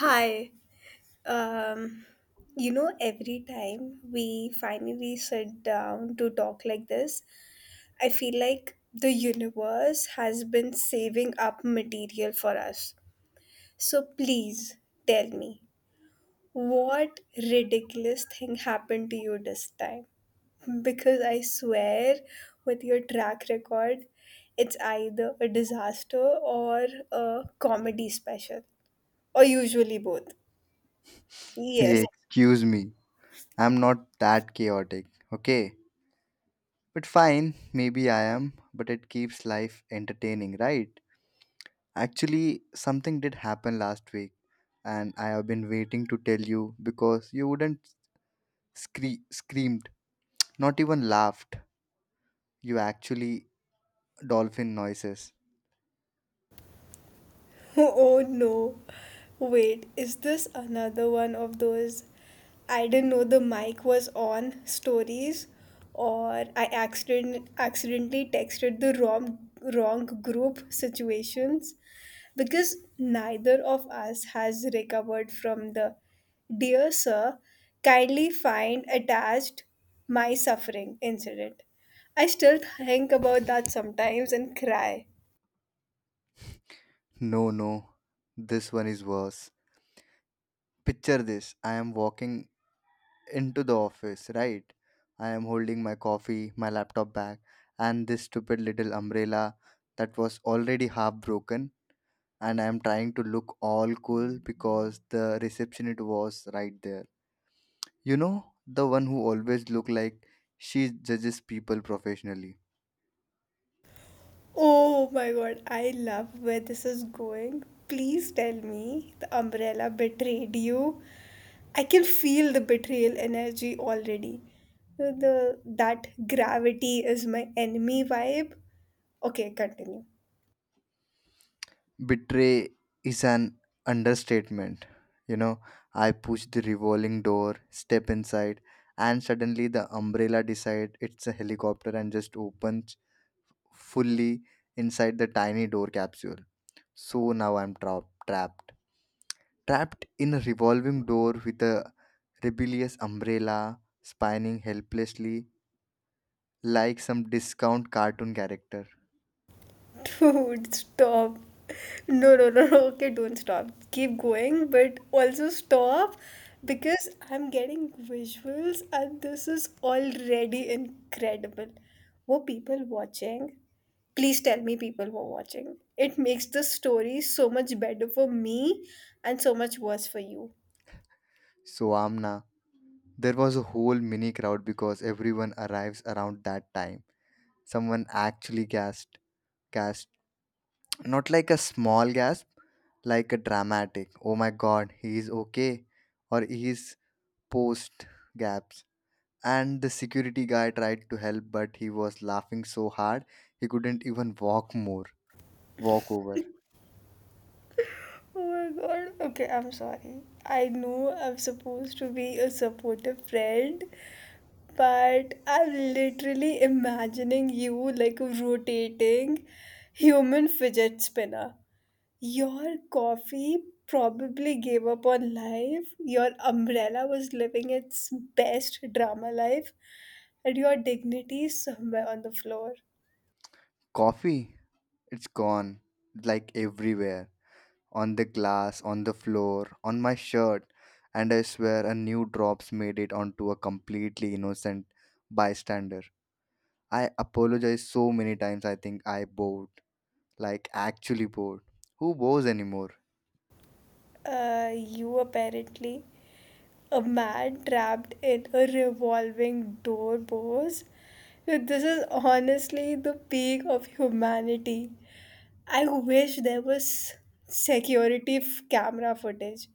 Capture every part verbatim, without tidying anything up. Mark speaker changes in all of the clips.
Speaker 1: Hi. Um, you know, every time we finally sit down to talk like this, I feel like the universe has been saving up material for us. So please tell me, what ridiculous thing happened to you this time? Because I swear, with your track record, it's either a disaster or a comedy special, or usually both. Yes.
Speaker 2: Hey, excuse me. I'm not that chaotic, okay? But fine, maybe I am, but it keeps life entertaining, right? Actually, something did happen last week, and I have been waiting to tell you because you wouldn't scree- screamed, not even laughed. You actually dolphin noises.
Speaker 1: Oh no. Wait, is this another one of those "I didn't know the mic was on" stories, or I accident accidentally texted the wrong wrong group situations? Because neither of us has recovered from the "Dear Sir, kindly find attached my suffering" incident. I still think about that sometimes and cry.
Speaker 2: No, no. This one is worse. Picture this. I am walking into the office, right? I am holding my coffee, my laptop bag, and this stupid little umbrella that was already half broken. And I am trying to look all cool because the receptionist was right there. You know, the one who always look like she judges people professionally.
Speaker 1: Oh my god, I love where this is going. Please tell me the umbrella betrayed you. I can feel the betrayal energy already. The that gravity is my enemy vibe. Okay, continue.
Speaker 2: Betray is an understatement. You know, I push the revolving door, step inside, and suddenly the umbrella decide it's a helicopter and just opens fully inside the tiny door capsule. So now I'm tra- trapped. Trapped in a revolving door with a rebellious umbrella spinning helplessly like some discount cartoon character.
Speaker 1: Dude, stop. No, no, no, no. Okay, don't stop. Keep going, but also stop, because I'm getting visuals and this is already incredible. Were people watching? Please tell me people were watching. It makes the story so much better for me and so much worse for you.
Speaker 2: So Amna, there was a whole mini crowd because everyone arrives around that time. Someone actually gasped, gasped, not like a small gasp, like a dramatic, oh my god, he is okay, or he is post gaps. And the security guy tried to help, but he was laughing so hard he couldn't even walk more. Walk over.
Speaker 1: Oh my god. Okay, I'm sorry. I know I'm supposed to be a supportive friend, but I'm literally imagining you like a rotating human fidget spinner. Your coffee probably gave up on life, your umbrella was living its best drama life, and your dignity is somewhere on the floor.
Speaker 2: Coffee, it's gone. Like everywhere. On the glass, on the floor, on my shirt. And I swear a new drops made it onto a completely innocent bystander. I apologized so many times I think I bowed. Like actually bowed. Who bows anymore?
Speaker 1: Uh, you, apparently. A man trapped in a revolving door, boss. Like, this is honestly the peak of humanity. I wish there was security f- camera footage.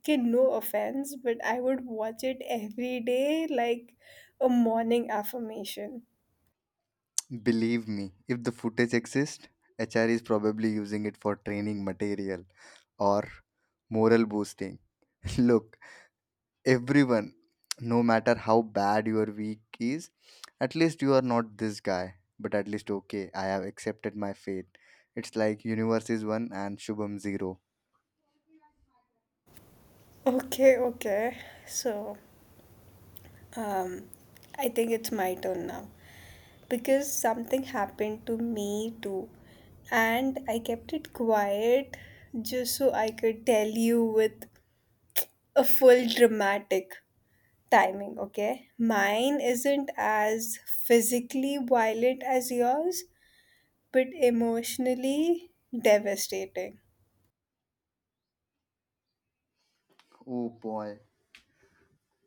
Speaker 1: Okay, no offense, but I would watch it every day like a morning affirmation.
Speaker 2: Believe me, if the footage exists, H R is probably using it for training material or moral boosting. Look, everyone, no matter how bad your week is, at least you are not this guy. But at least okay, I have accepted my fate. It's like universe is one and Shubham zero.
Speaker 1: Okay, okay. So, Um, I think it's my turn now, because something happened to me too, and I kept it quiet just so I could tell you with a full dramatic timing. Okay, mine isn't as physically violent as yours, but emotionally devastating.
Speaker 2: Oh boy.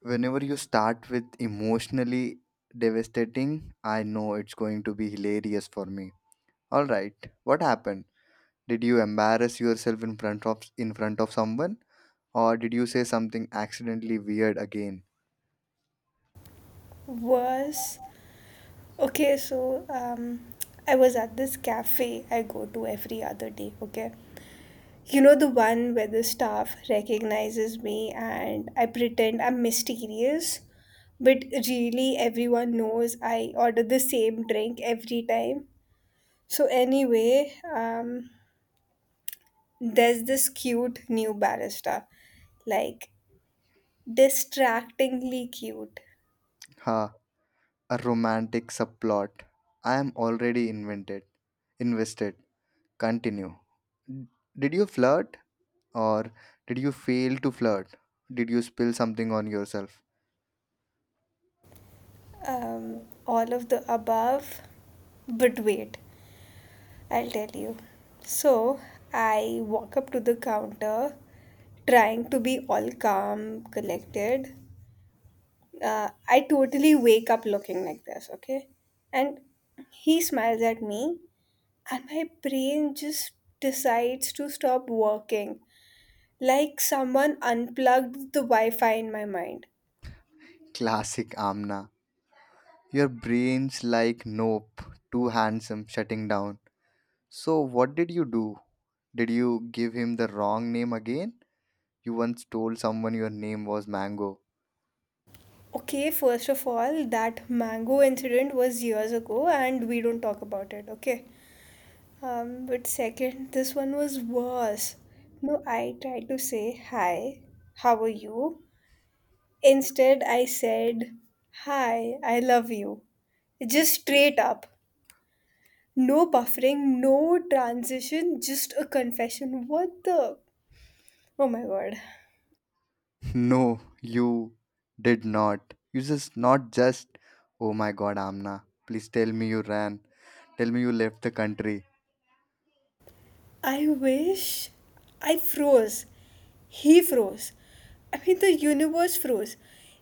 Speaker 2: Whenever you start with emotionally devastating, I know it's going to be hilarious for me. Alright, what happened? Did you embarrass yourself in front of in front of someone or did you say something accidentally weird again?
Speaker 1: Was Okay, so um, I was at this cafe I go to every other day. Okay. You know, the one where the staff recognizes me and I pretend I'm mysterious, but really everyone knows I order the same drink every time. So, anyway, um, there's this cute new barista, like distractingly cute.
Speaker 2: Ha, a romantic subplot. I am already invented. Invested. Continue. D- Did you flirt or did you fail to flirt? Did you spill something on yourself?
Speaker 1: Um, all of the above, but wait. I'll tell you. So I walk up to the counter, trying to be all calm, collected. Uh, I totally wake up looking like this, okay? And he smiles at me, and my brain just decides to stop working. Like someone unplugged the Wi Fi in my mind.
Speaker 2: Classic Amna. Your brain's like nope, too handsome, shutting down. So what did you do? Did you give him the wrong name again? You once told someone your name was Mango.
Speaker 1: Okay, first of all, that mango incident was years ago, and we don't talk about it, okay? Um, but second, this one was worse. No, I tried to say, "Hi, how are you?" Instead, I said, "Hi, I love you." Just straight up. No buffering, no transition, just a confession. What the? Oh my god.
Speaker 2: No, you did not. You just not just. Oh my god, Amna. Please tell me you ran. Tell me you left the country.
Speaker 1: I wish. I froze. He froze. I mean, the universe froze.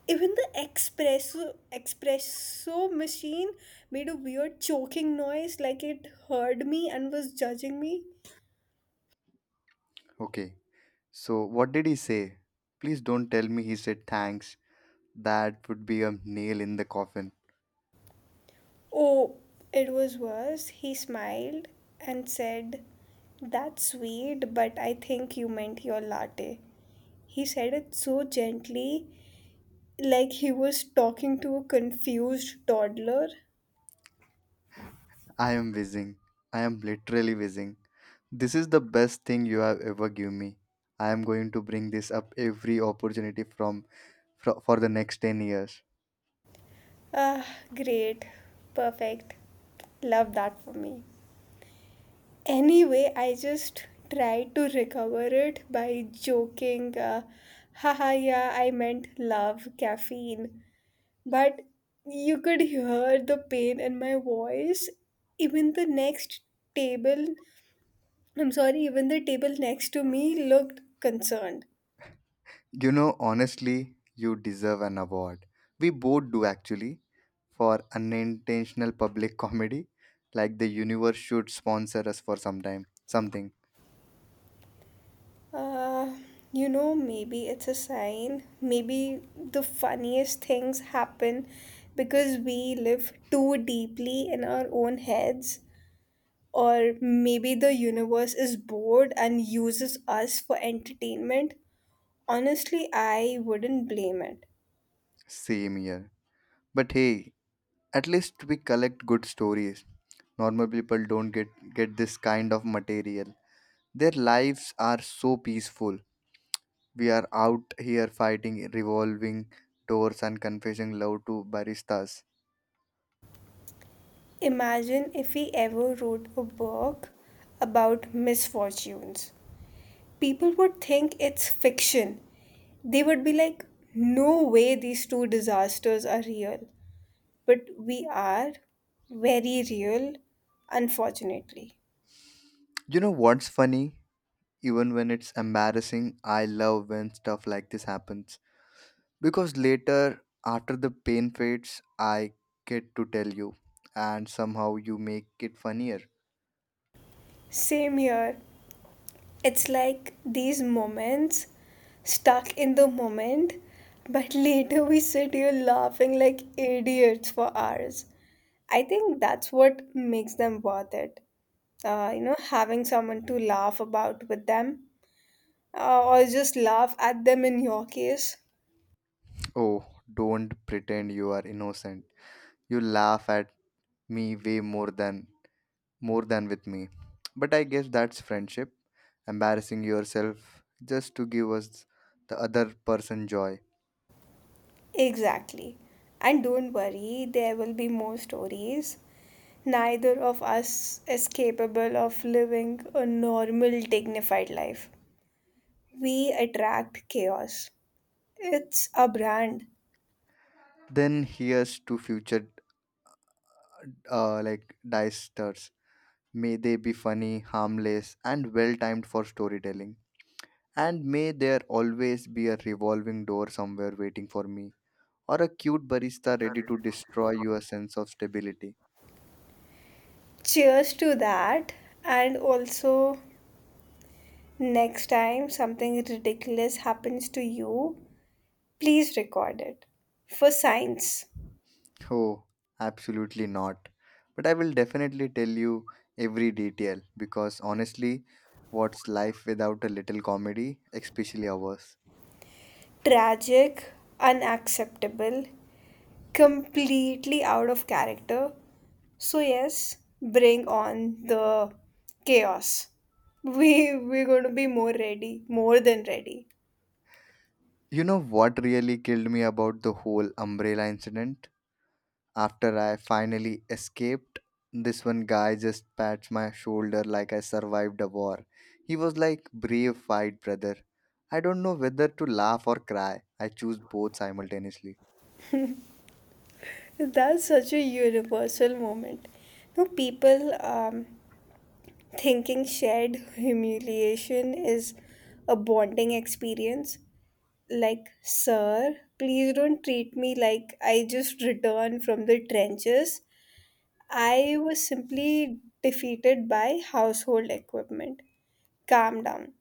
Speaker 1: Even the espresso espresso machine made a weird choking noise, like it heard me and was judging me.
Speaker 2: Okay. So, what did he say? Please don't tell me he said thanks. That would be a nail in the coffin.
Speaker 1: Oh, it was worse. He smiled and said, "That's sweet, but I think you meant your latte." He said it so gently, like he was talking to a confused toddler.
Speaker 2: I am whizzing. I am literally whizzing. This is the best thing you have ever given me. I am going to bring this up every opportunity from, fro- for the next ten years.
Speaker 1: Ah, great. Perfect. Love that for me. Anyway, I just tried to recover it by joking, uh, haha, yeah, I meant love caffeine. But you could hear the pain in my voice. Even the next table, I'm sorry, even the table next to me, looked concerned.
Speaker 2: You know, honestly, you deserve an award. We both do actually for unintentional public comedy. Like the universe should sponsor us for some time. Something.
Speaker 1: Uh, you know, Maybe it's a sign. Maybe the funniest things happen because we live too deeply in our own heads. Or maybe the universe is bored and uses us for entertainment. Honestly, I wouldn't blame it.
Speaker 2: Same year. But hey, at least we collect good stories. Normal people don't get, get this kind of material. Their lives are so peaceful. We are out here fighting revolving doors and confessing love to baristas.
Speaker 1: Imagine if we ever wrote a book about misfortunes. People would think it's fiction. They would be like, no way these two disasters are real. But we are very real, unfortunately.
Speaker 2: You know what's funny? Even when it's embarrassing, I love when stuff like this happens. Because later, after the pain fades, I get to tell you, and somehow you make it funnier.
Speaker 1: Same here. It's like these moments, stuck in the moment, but later we sit here laughing like idiots for hours. I think that's what makes them worth it. Uh, you know, having someone to laugh about with them, uh, or just laugh at them in your case.
Speaker 2: Oh, don't pretend you are innocent. You laugh at me way more than more than with me. But I guess that's friendship, embarrassing yourself just to give us the other person joy.
Speaker 1: Exactly. And don't worry, there will be more stories. Neither of us is capable of living a normal, dignified life. We attract chaos. It's a brand.
Speaker 2: Then here's to future uh, like dice. May they be funny, harmless, and well timed for storytelling. And may there always be a revolving door somewhere waiting for me, or a cute barista ready to destroy your sense of stability.
Speaker 1: Cheers to that. And also, next time something ridiculous happens to you, please record it for science.
Speaker 2: Oh, absolutely not. But I will definitely tell you every detail because honestly, what's life without a little comedy, especially ours?
Speaker 1: Tragic, unacceptable, completely out of character. So yes, bring on the chaos. We we're going to be more ready, more than ready.
Speaker 2: You know what really killed me about the whole umbrella incident? After I finally escaped, this one guy just pats my shoulder like I survived a war. He was like, brave fight, brother. I don't know whether to laugh or cry. I choose both simultaneously.
Speaker 1: That's such a universal moment. No, people um, thinking shared humiliation is a bonding experience, like, sir, please don't treat me like I just returned from the trenches. I was simply defeated by household equipment. Calm down.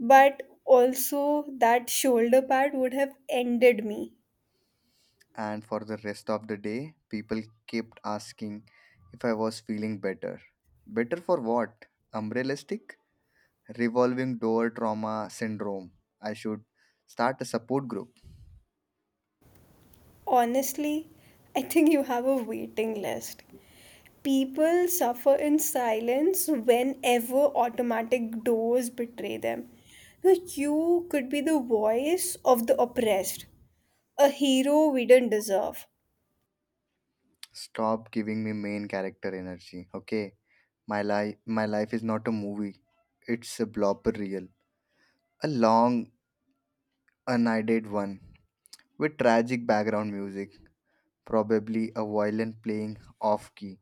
Speaker 1: But also, that shoulder pad would have ended me.
Speaker 2: And for the rest of the day, people kept asking if I was feeling better. Better for what? Umbrellistic? Revolving door trauma syndrome. I should start a support group.
Speaker 1: Honestly, I think you have a waiting list. People suffer in silence whenever automatic doors betray them. Like, you could be the voice of the oppressed, a hero we didn't deserve.
Speaker 2: Stop giving me main character energy, okay? My life, my life is not a movie. It's a blooper reel, a long, unedited one with tragic background music, probably a violin playing off key.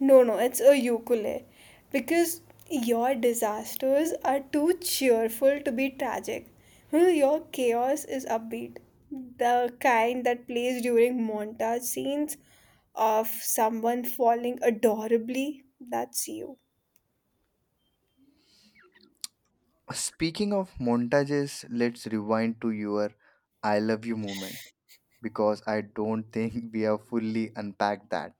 Speaker 1: No, no, it's a ukulele. Because your disasters are too cheerful to be tragic. Hmm, Your chaos is upbeat. The kind that plays during montage scenes of someone falling adorably. That's you.
Speaker 2: Speaking of montages, let's rewind to your "I love you" moment because I don't think we have fully unpacked that.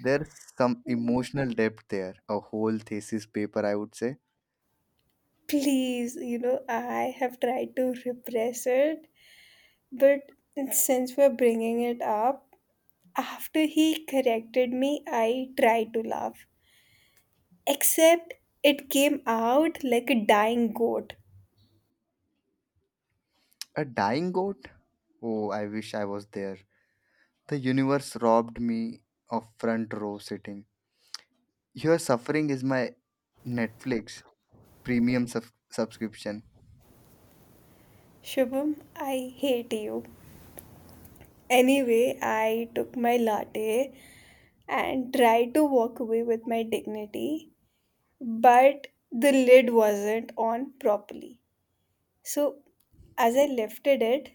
Speaker 2: There's some emotional depth there, a whole thesis paper, I would say.
Speaker 1: Please, you know, I have tried to repress it, but since we're bringing it up, after he corrected me, I tried to laugh. Except it came out like a dying goat.
Speaker 2: A dying goat? Oh, I wish I was there. The universe robbed me of front row sitting. Your suffering is my Netflix premium sub- subscription.
Speaker 1: Shubham, I hate you. Anyway, I took my latte and tried to walk away with my dignity, but the lid wasn't on properly. So, as I lifted it,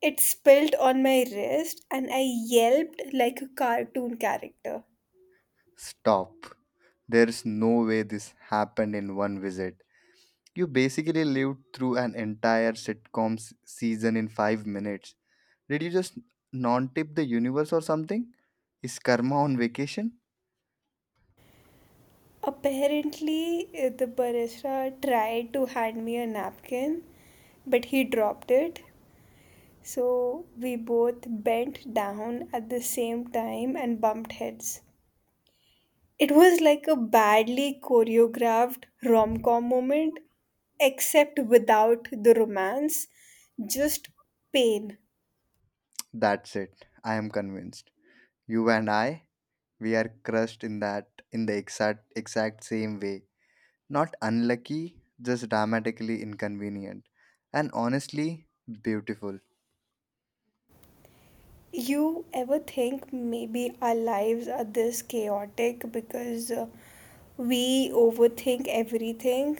Speaker 1: it spilled on my wrist and I yelped like a cartoon character.
Speaker 2: Stop. There's no way this happened in one visit. You basically lived through an entire sitcom s- season in five minutes. Did you just non tip the universe or something? Is karma on vacation?
Speaker 1: Apparently, uh, the barista tried to hand me a napkin, but he dropped it. So we both bent down at the same time and bumped heads. It was like a badly choreographed rom com moment, except without the romance, just pain.
Speaker 2: That's it. I am convinced. You and I, we are crushed in that in the exact exact same way. Not unlucky, just dramatically inconvenient. And honestly, beautiful.
Speaker 1: You ever think maybe our lives are this chaotic because uh, we overthink everything,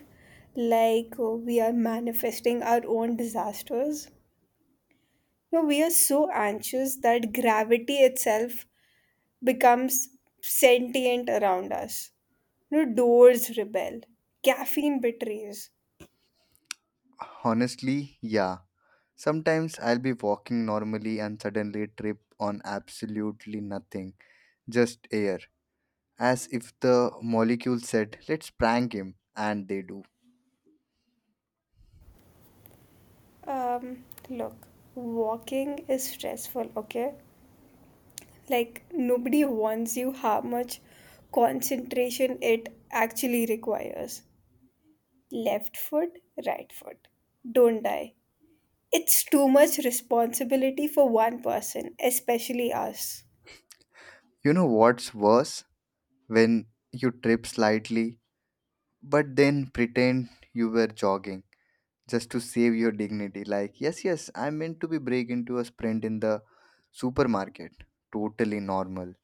Speaker 1: like uh, we are manifesting our own disasters? No, we are so anxious that gravity itself becomes sentient around us. No, doors rebel, caffeine betrays.
Speaker 2: Honestly, yeah. Sometimes I'll be walking normally and suddenly trip on absolutely nothing, just air. As if the molecule said, let's prank him, and they do.
Speaker 1: Um, Look, walking is stressful, okay? Like, nobody warns you how much concentration it actually requires. Left foot, right foot, don't die. It's too much responsibility for one person, especially us.
Speaker 2: You know what's worse? When you trip slightly, but then pretend you were jogging just to save your dignity. Like, yes, yes, I meant to be break into a sprint in the supermarket. Totally normal.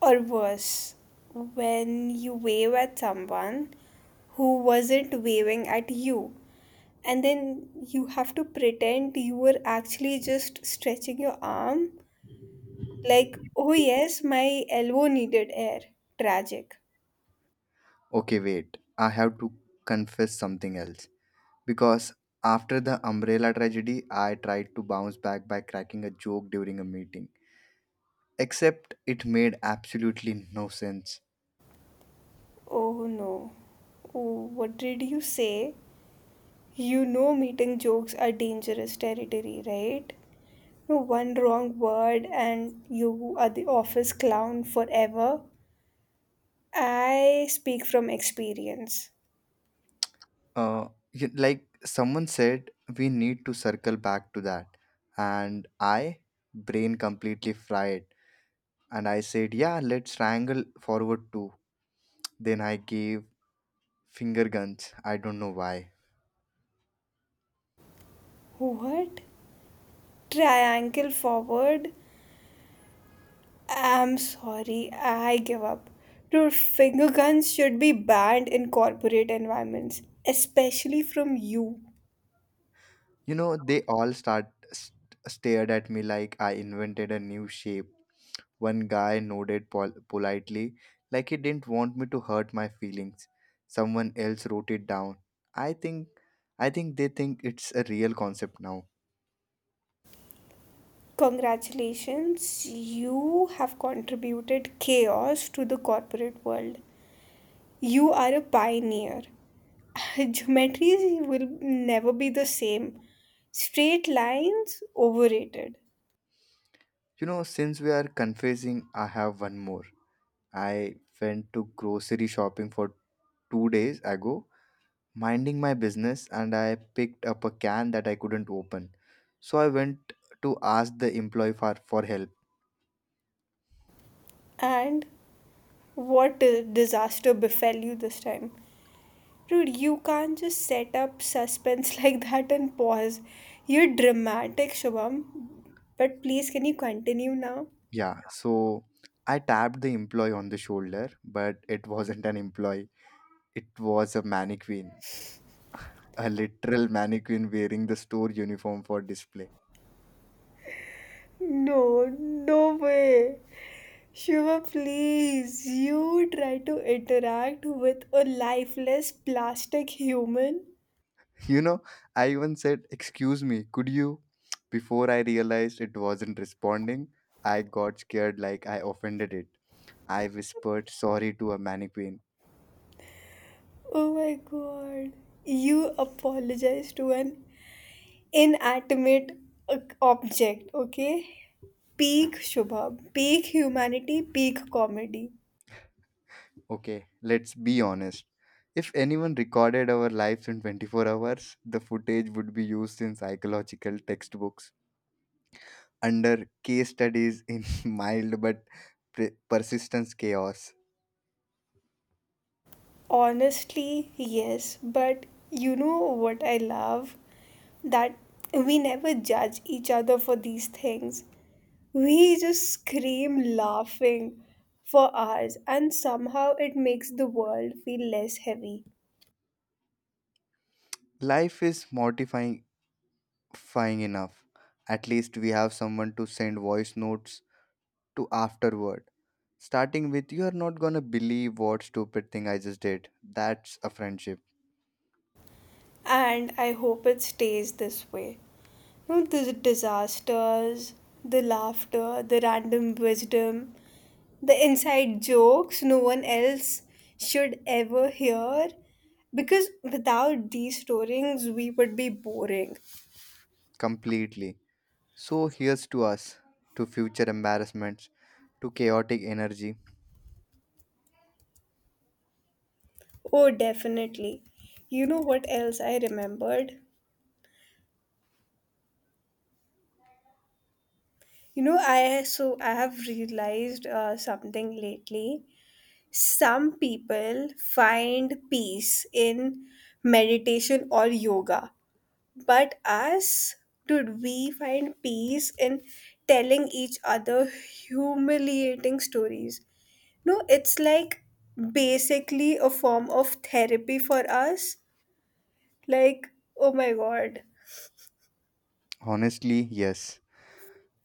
Speaker 1: Or worse, when you wave at someone who wasn't waving at you, and then you have to pretend you were actually just stretching your arm. Like, oh yes, my elbow needed air. Tragic.
Speaker 2: Okay, wait. I have to confess something else. Because after the umbrella tragedy, I tried to bounce back by cracking a joke during a meeting. Except it made absolutely no sense.
Speaker 1: Oh no. Oh, what did you say? You know meeting jokes are dangerous territory, right? No, one wrong word and you are the office clown forever. I speak from experience.
Speaker 2: Uh, y- like someone said, we need to circle back to that. And I, brain completely fried, and I said, yeah, let's triangle forward too. Then I gave finger guns. I don't know why.
Speaker 1: What? Triangle forward? I'm sorry, I give up. Dude, finger guns should be banned in corporate environments, especially from you.
Speaker 2: You know, they all start st- stared at me like I invented a new shape. One guy nodded pol- politely, like he didn't want me to hurt my feelings. Someone else wrote it down. I think, I think they think it's a real concept now.
Speaker 1: Congratulations, you have contributed chaos to the corporate world. You are a pioneer. Geometry will never be the same. Straight lines, overrated.
Speaker 2: You know, since we are confessing, I have one more. I went to grocery shopping for two days ago minding my business and I picked up a can that I couldn't open. So I went to ask the employee for, for help.
Speaker 1: And what a disaster befell you this time. Dude, you can't just set up suspense like that and pause. You're dramatic, Shubham. But please, can you continue now?
Speaker 2: Yeah, so I tapped the employee on the shoulder, but it wasn't an employee, it was a mannequin, a literal mannequin wearing the store uniform for display.
Speaker 1: No, no way. Shiva, please, you try to interact with a lifeless plastic human?
Speaker 2: You know, I even said, excuse me, could you? Before I realized it wasn't responding, I got scared like I offended it. I whispered sorry to a mannequin.
Speaker 1: Oh my god. You apologize to an inanimate uh, object, okay? Peak Shubha, peak humanity, peak comedy.
Speaker 2: Okay, let's be honest. If anyone recorded our lives in twenty-four hours, the footage would be used in psychological textbooks, under case studies in mild but pre- persistence chaos.
Speaker 1: Honestly, yes, but you know what I love? That we never judge each other for these things. We just scream laughing for hours, and somehow it makes the world feel less heavy.
Speaker 2: Life is mortifying fying enough. At least we have someone to send voice notes to afterward. Starting with, you are not gonna believe what stupid thing I just did. That's a friendship.
Speaker 1: And I hope it stays this way. You know, the disasters, the laughter, the random wisdom, the inside jokes no one else should ever hear. Because without these stories, we would be boring.
Speaker 2: Completely. So here's to us, to future embarrassments, to chaotic energy.
Speaker 1: Oh, definitely. You know what else I remembered? You know, I so I have realized uh, something lately. Some people find peace in meditation or yoga, but us, dude, we find peace in telling each other humiliating stories. No, it's like basically a form of therapy for us. Like, oh my god.
Speaker 2: Honestly, yes.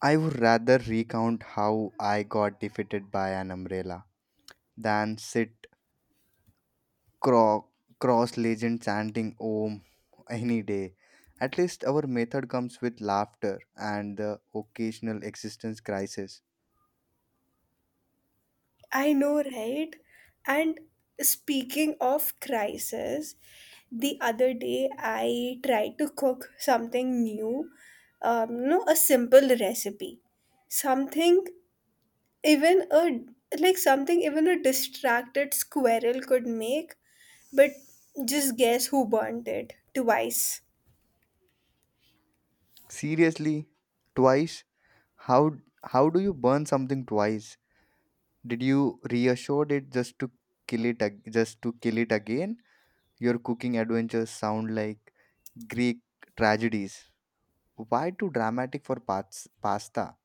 Speaker 2: I would rather recount how I got defeated by an umbrella than sit cro- cross legend chanting Om any day. At least our method comes with laughter and the occasional existence crisis.
Speaker 1: I know, right? And speaking of crisis, the other day I tried to cook something new, um, no, a simple recipe, something even a like something even a distracted squirrel could make, but just guess who burnt it twice.
Speaker 2: Seriously, twice? How how do you burn something twice? Did you reassured it just to kill it ag- just to kill it again? Your cooking adventures sound like Greek tragedies. Why too dramatic for pats- pasta?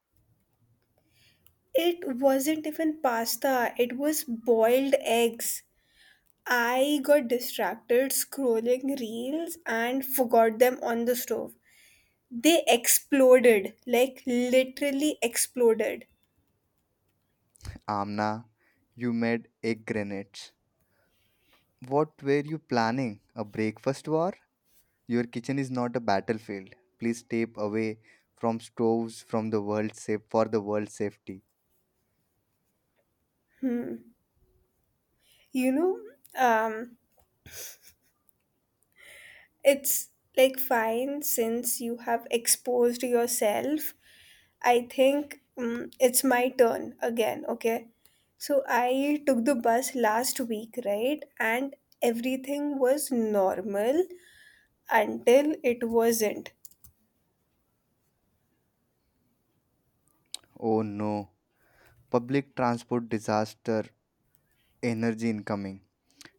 Speaker 1: It wasn't even pasta; it was boiled eggs. I got distracted scrolling reels and forgot them on the stove. They exploded, like literally exploded.
Speaker 2: Amna, you made egg grenades. What were you planning? A breakfast war? Your kitchen is not a battlefield. Please step away from stoves from the world safe for the world's safety.
Speaker 1: Hmm. You know, um, it's like, fine, since you have exposed yourself. I think um, it's my turn again, okay? So I took the bus last week, right? And everything was normal until it wasn't.
Speaker 2: Oh no. Public transport disaster energy incoming.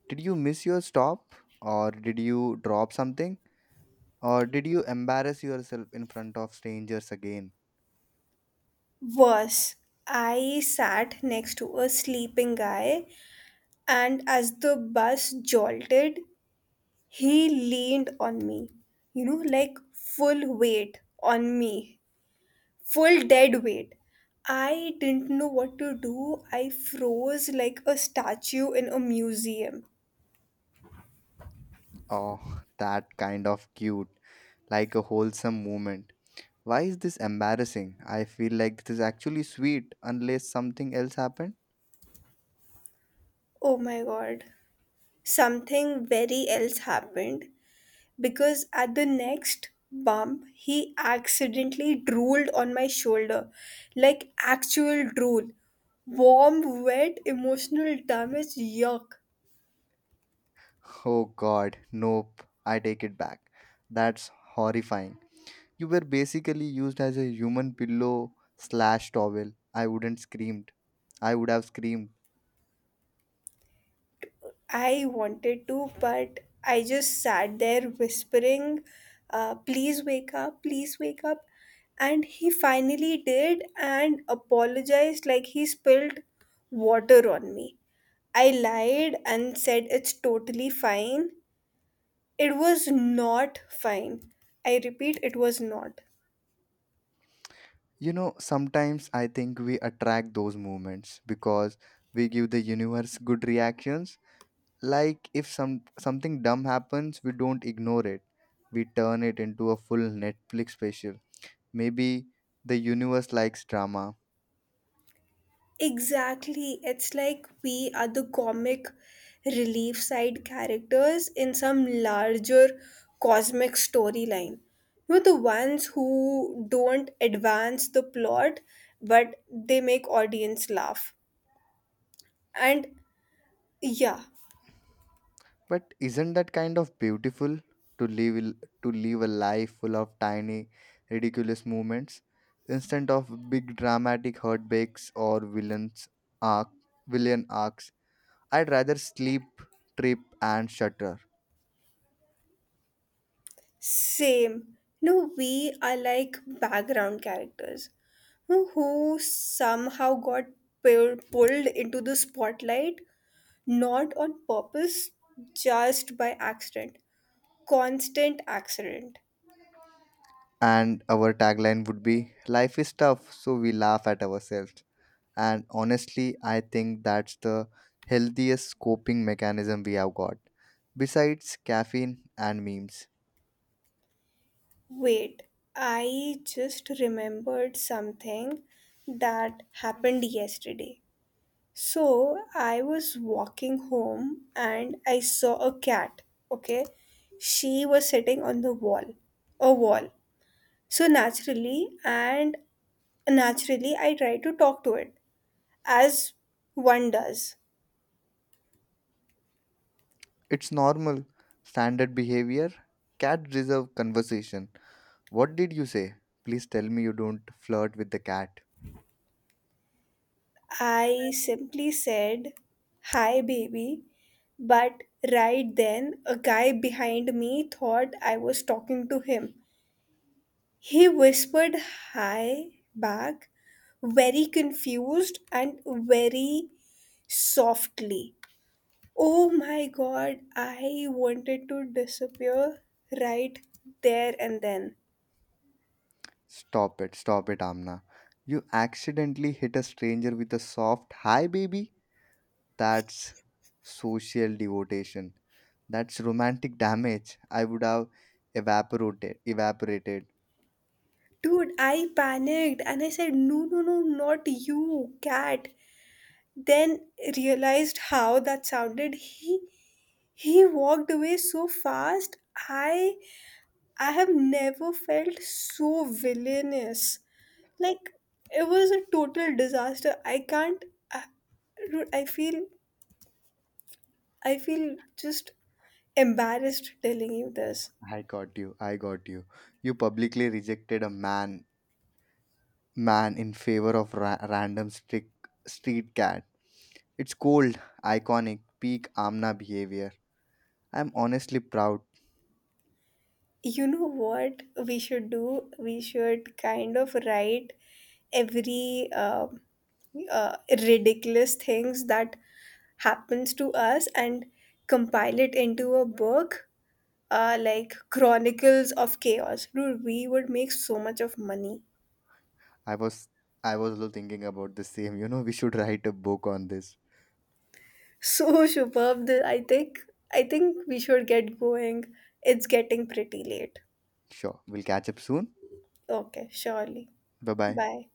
Speaker 2: Did you miss your stop? Or did you drop something? Or did you embarrass yourself in front of strangers again?
Speaker 1: Was I sat next to a sleeping guy, and as the bus jolted, he leaned on me. You know, like full weight on me, full dead weight. I didn't know what to do. I froze like a statue in a museum.
Speaker 2: Oh, that kind of cute, like a wholesome moment. Why is this embarrassing? I feel like this is actually sweet unless something else happened.
Speaker 1: Oh my god. Something very else happened, because at the next bump he accidentally drooled on my shoulder, like actual drool, warm, wet, emotional damage. Yuck.
Speaker 2: Oh god, nope, I take it back. That's horrifying. You were basically used as a human pillow slash towel. I wouldn't screamed. I would have screamed.
Speaker 1: I wanted to, but I just sat there whispering, uh, please wake up, please wake up. And he finally did and apologized like he spilled water on me. I lied and said it's totally fine. It was not fine. I repeat, it was not.
Speaker 2: You know, sometimes I think we attract those movements because we give the universe good reactions. Like if some something dumb happens, we don't ignore it. We turn it into a full Netflix special. Maybe the universe likes drama,
Speaker 1: Exactly. It's like we are the comic relief side characters in some larger cosmic storyline. We're the ones who don't advance the plot, but they make audience laugh. And yeah.
Speaker 2: but isn't that kind of beautiful to live to live a life full of tiny ridiculous moments instead of big dramatic heartbreaks or villains arc villain arcs. I'd rather sleep, trip, and shutter.
Speaker 1: Same. No, we are like background characters who who somehow got pu- pulled into the spotlight, not on purpose, just by accident. Constant accident.
Speaker 2: And our tagline would be, life is tough, so we laugh at ourselves. And honestly, I think that's the healthiest coping mechanism we have got. Besides caffeine and memes,
Speaker 1: Wait, I just remembered something that happened yesterday. So I was walking home and I saw a cat. Okay. She was sitting on the wall, a wall. So naturally, and naturally, I tried to talk to it, as one does.
Speaker 2: it's normal, standard behavior, cat reserve conversation. What did you say? Please tell me you don't flirt with the cat.
Speaker 1: I simply said, "Hi, baby." But right then, a guy behind me thought I was talking to him. He whispered hi back, very confused and very softly. Oh my god, I wanted to disappear right there and then.
Speaker 2: Stop it, stop it, Amna. You accidentally hit a stranger with a soft hi, baby. That's social devotion. That's romantic damage. I would have evaporated. Evaporated.
Speaker 1: Dude, I panicked and I said, no, no, no, not you, cat. Then realized how that sounded. He he walked away so fast. I I have never felt so villainous. Like, it was a total disaster. I can't. i, Dude, I feel i feel just embarrassed telling you this.
Speaker 2: I got you. I got you. You publicly rejected a man, man in favor of ra- random strict street cat. It's cold, iconic, peak Amna behavior. I'm honestly proud.
Speaker 1: You know what we should do? We should kind of write every um uh, ridiculous things that happens to us and compile it into a book, uh, like Chronicles of Chaos. Dude, we would make so much of money.
Speaker 2: I was, I was also thinking about the same. You know, we should write a book on this.
Speaker 1: So superb. th- I think I think we should get going. It's getting pretty late.
Speaker 2: Sure. We'll catch up soon.
Speaker 1: Okay, surely.
Speaker 2: Bye bye.
Speaker 1: Bye.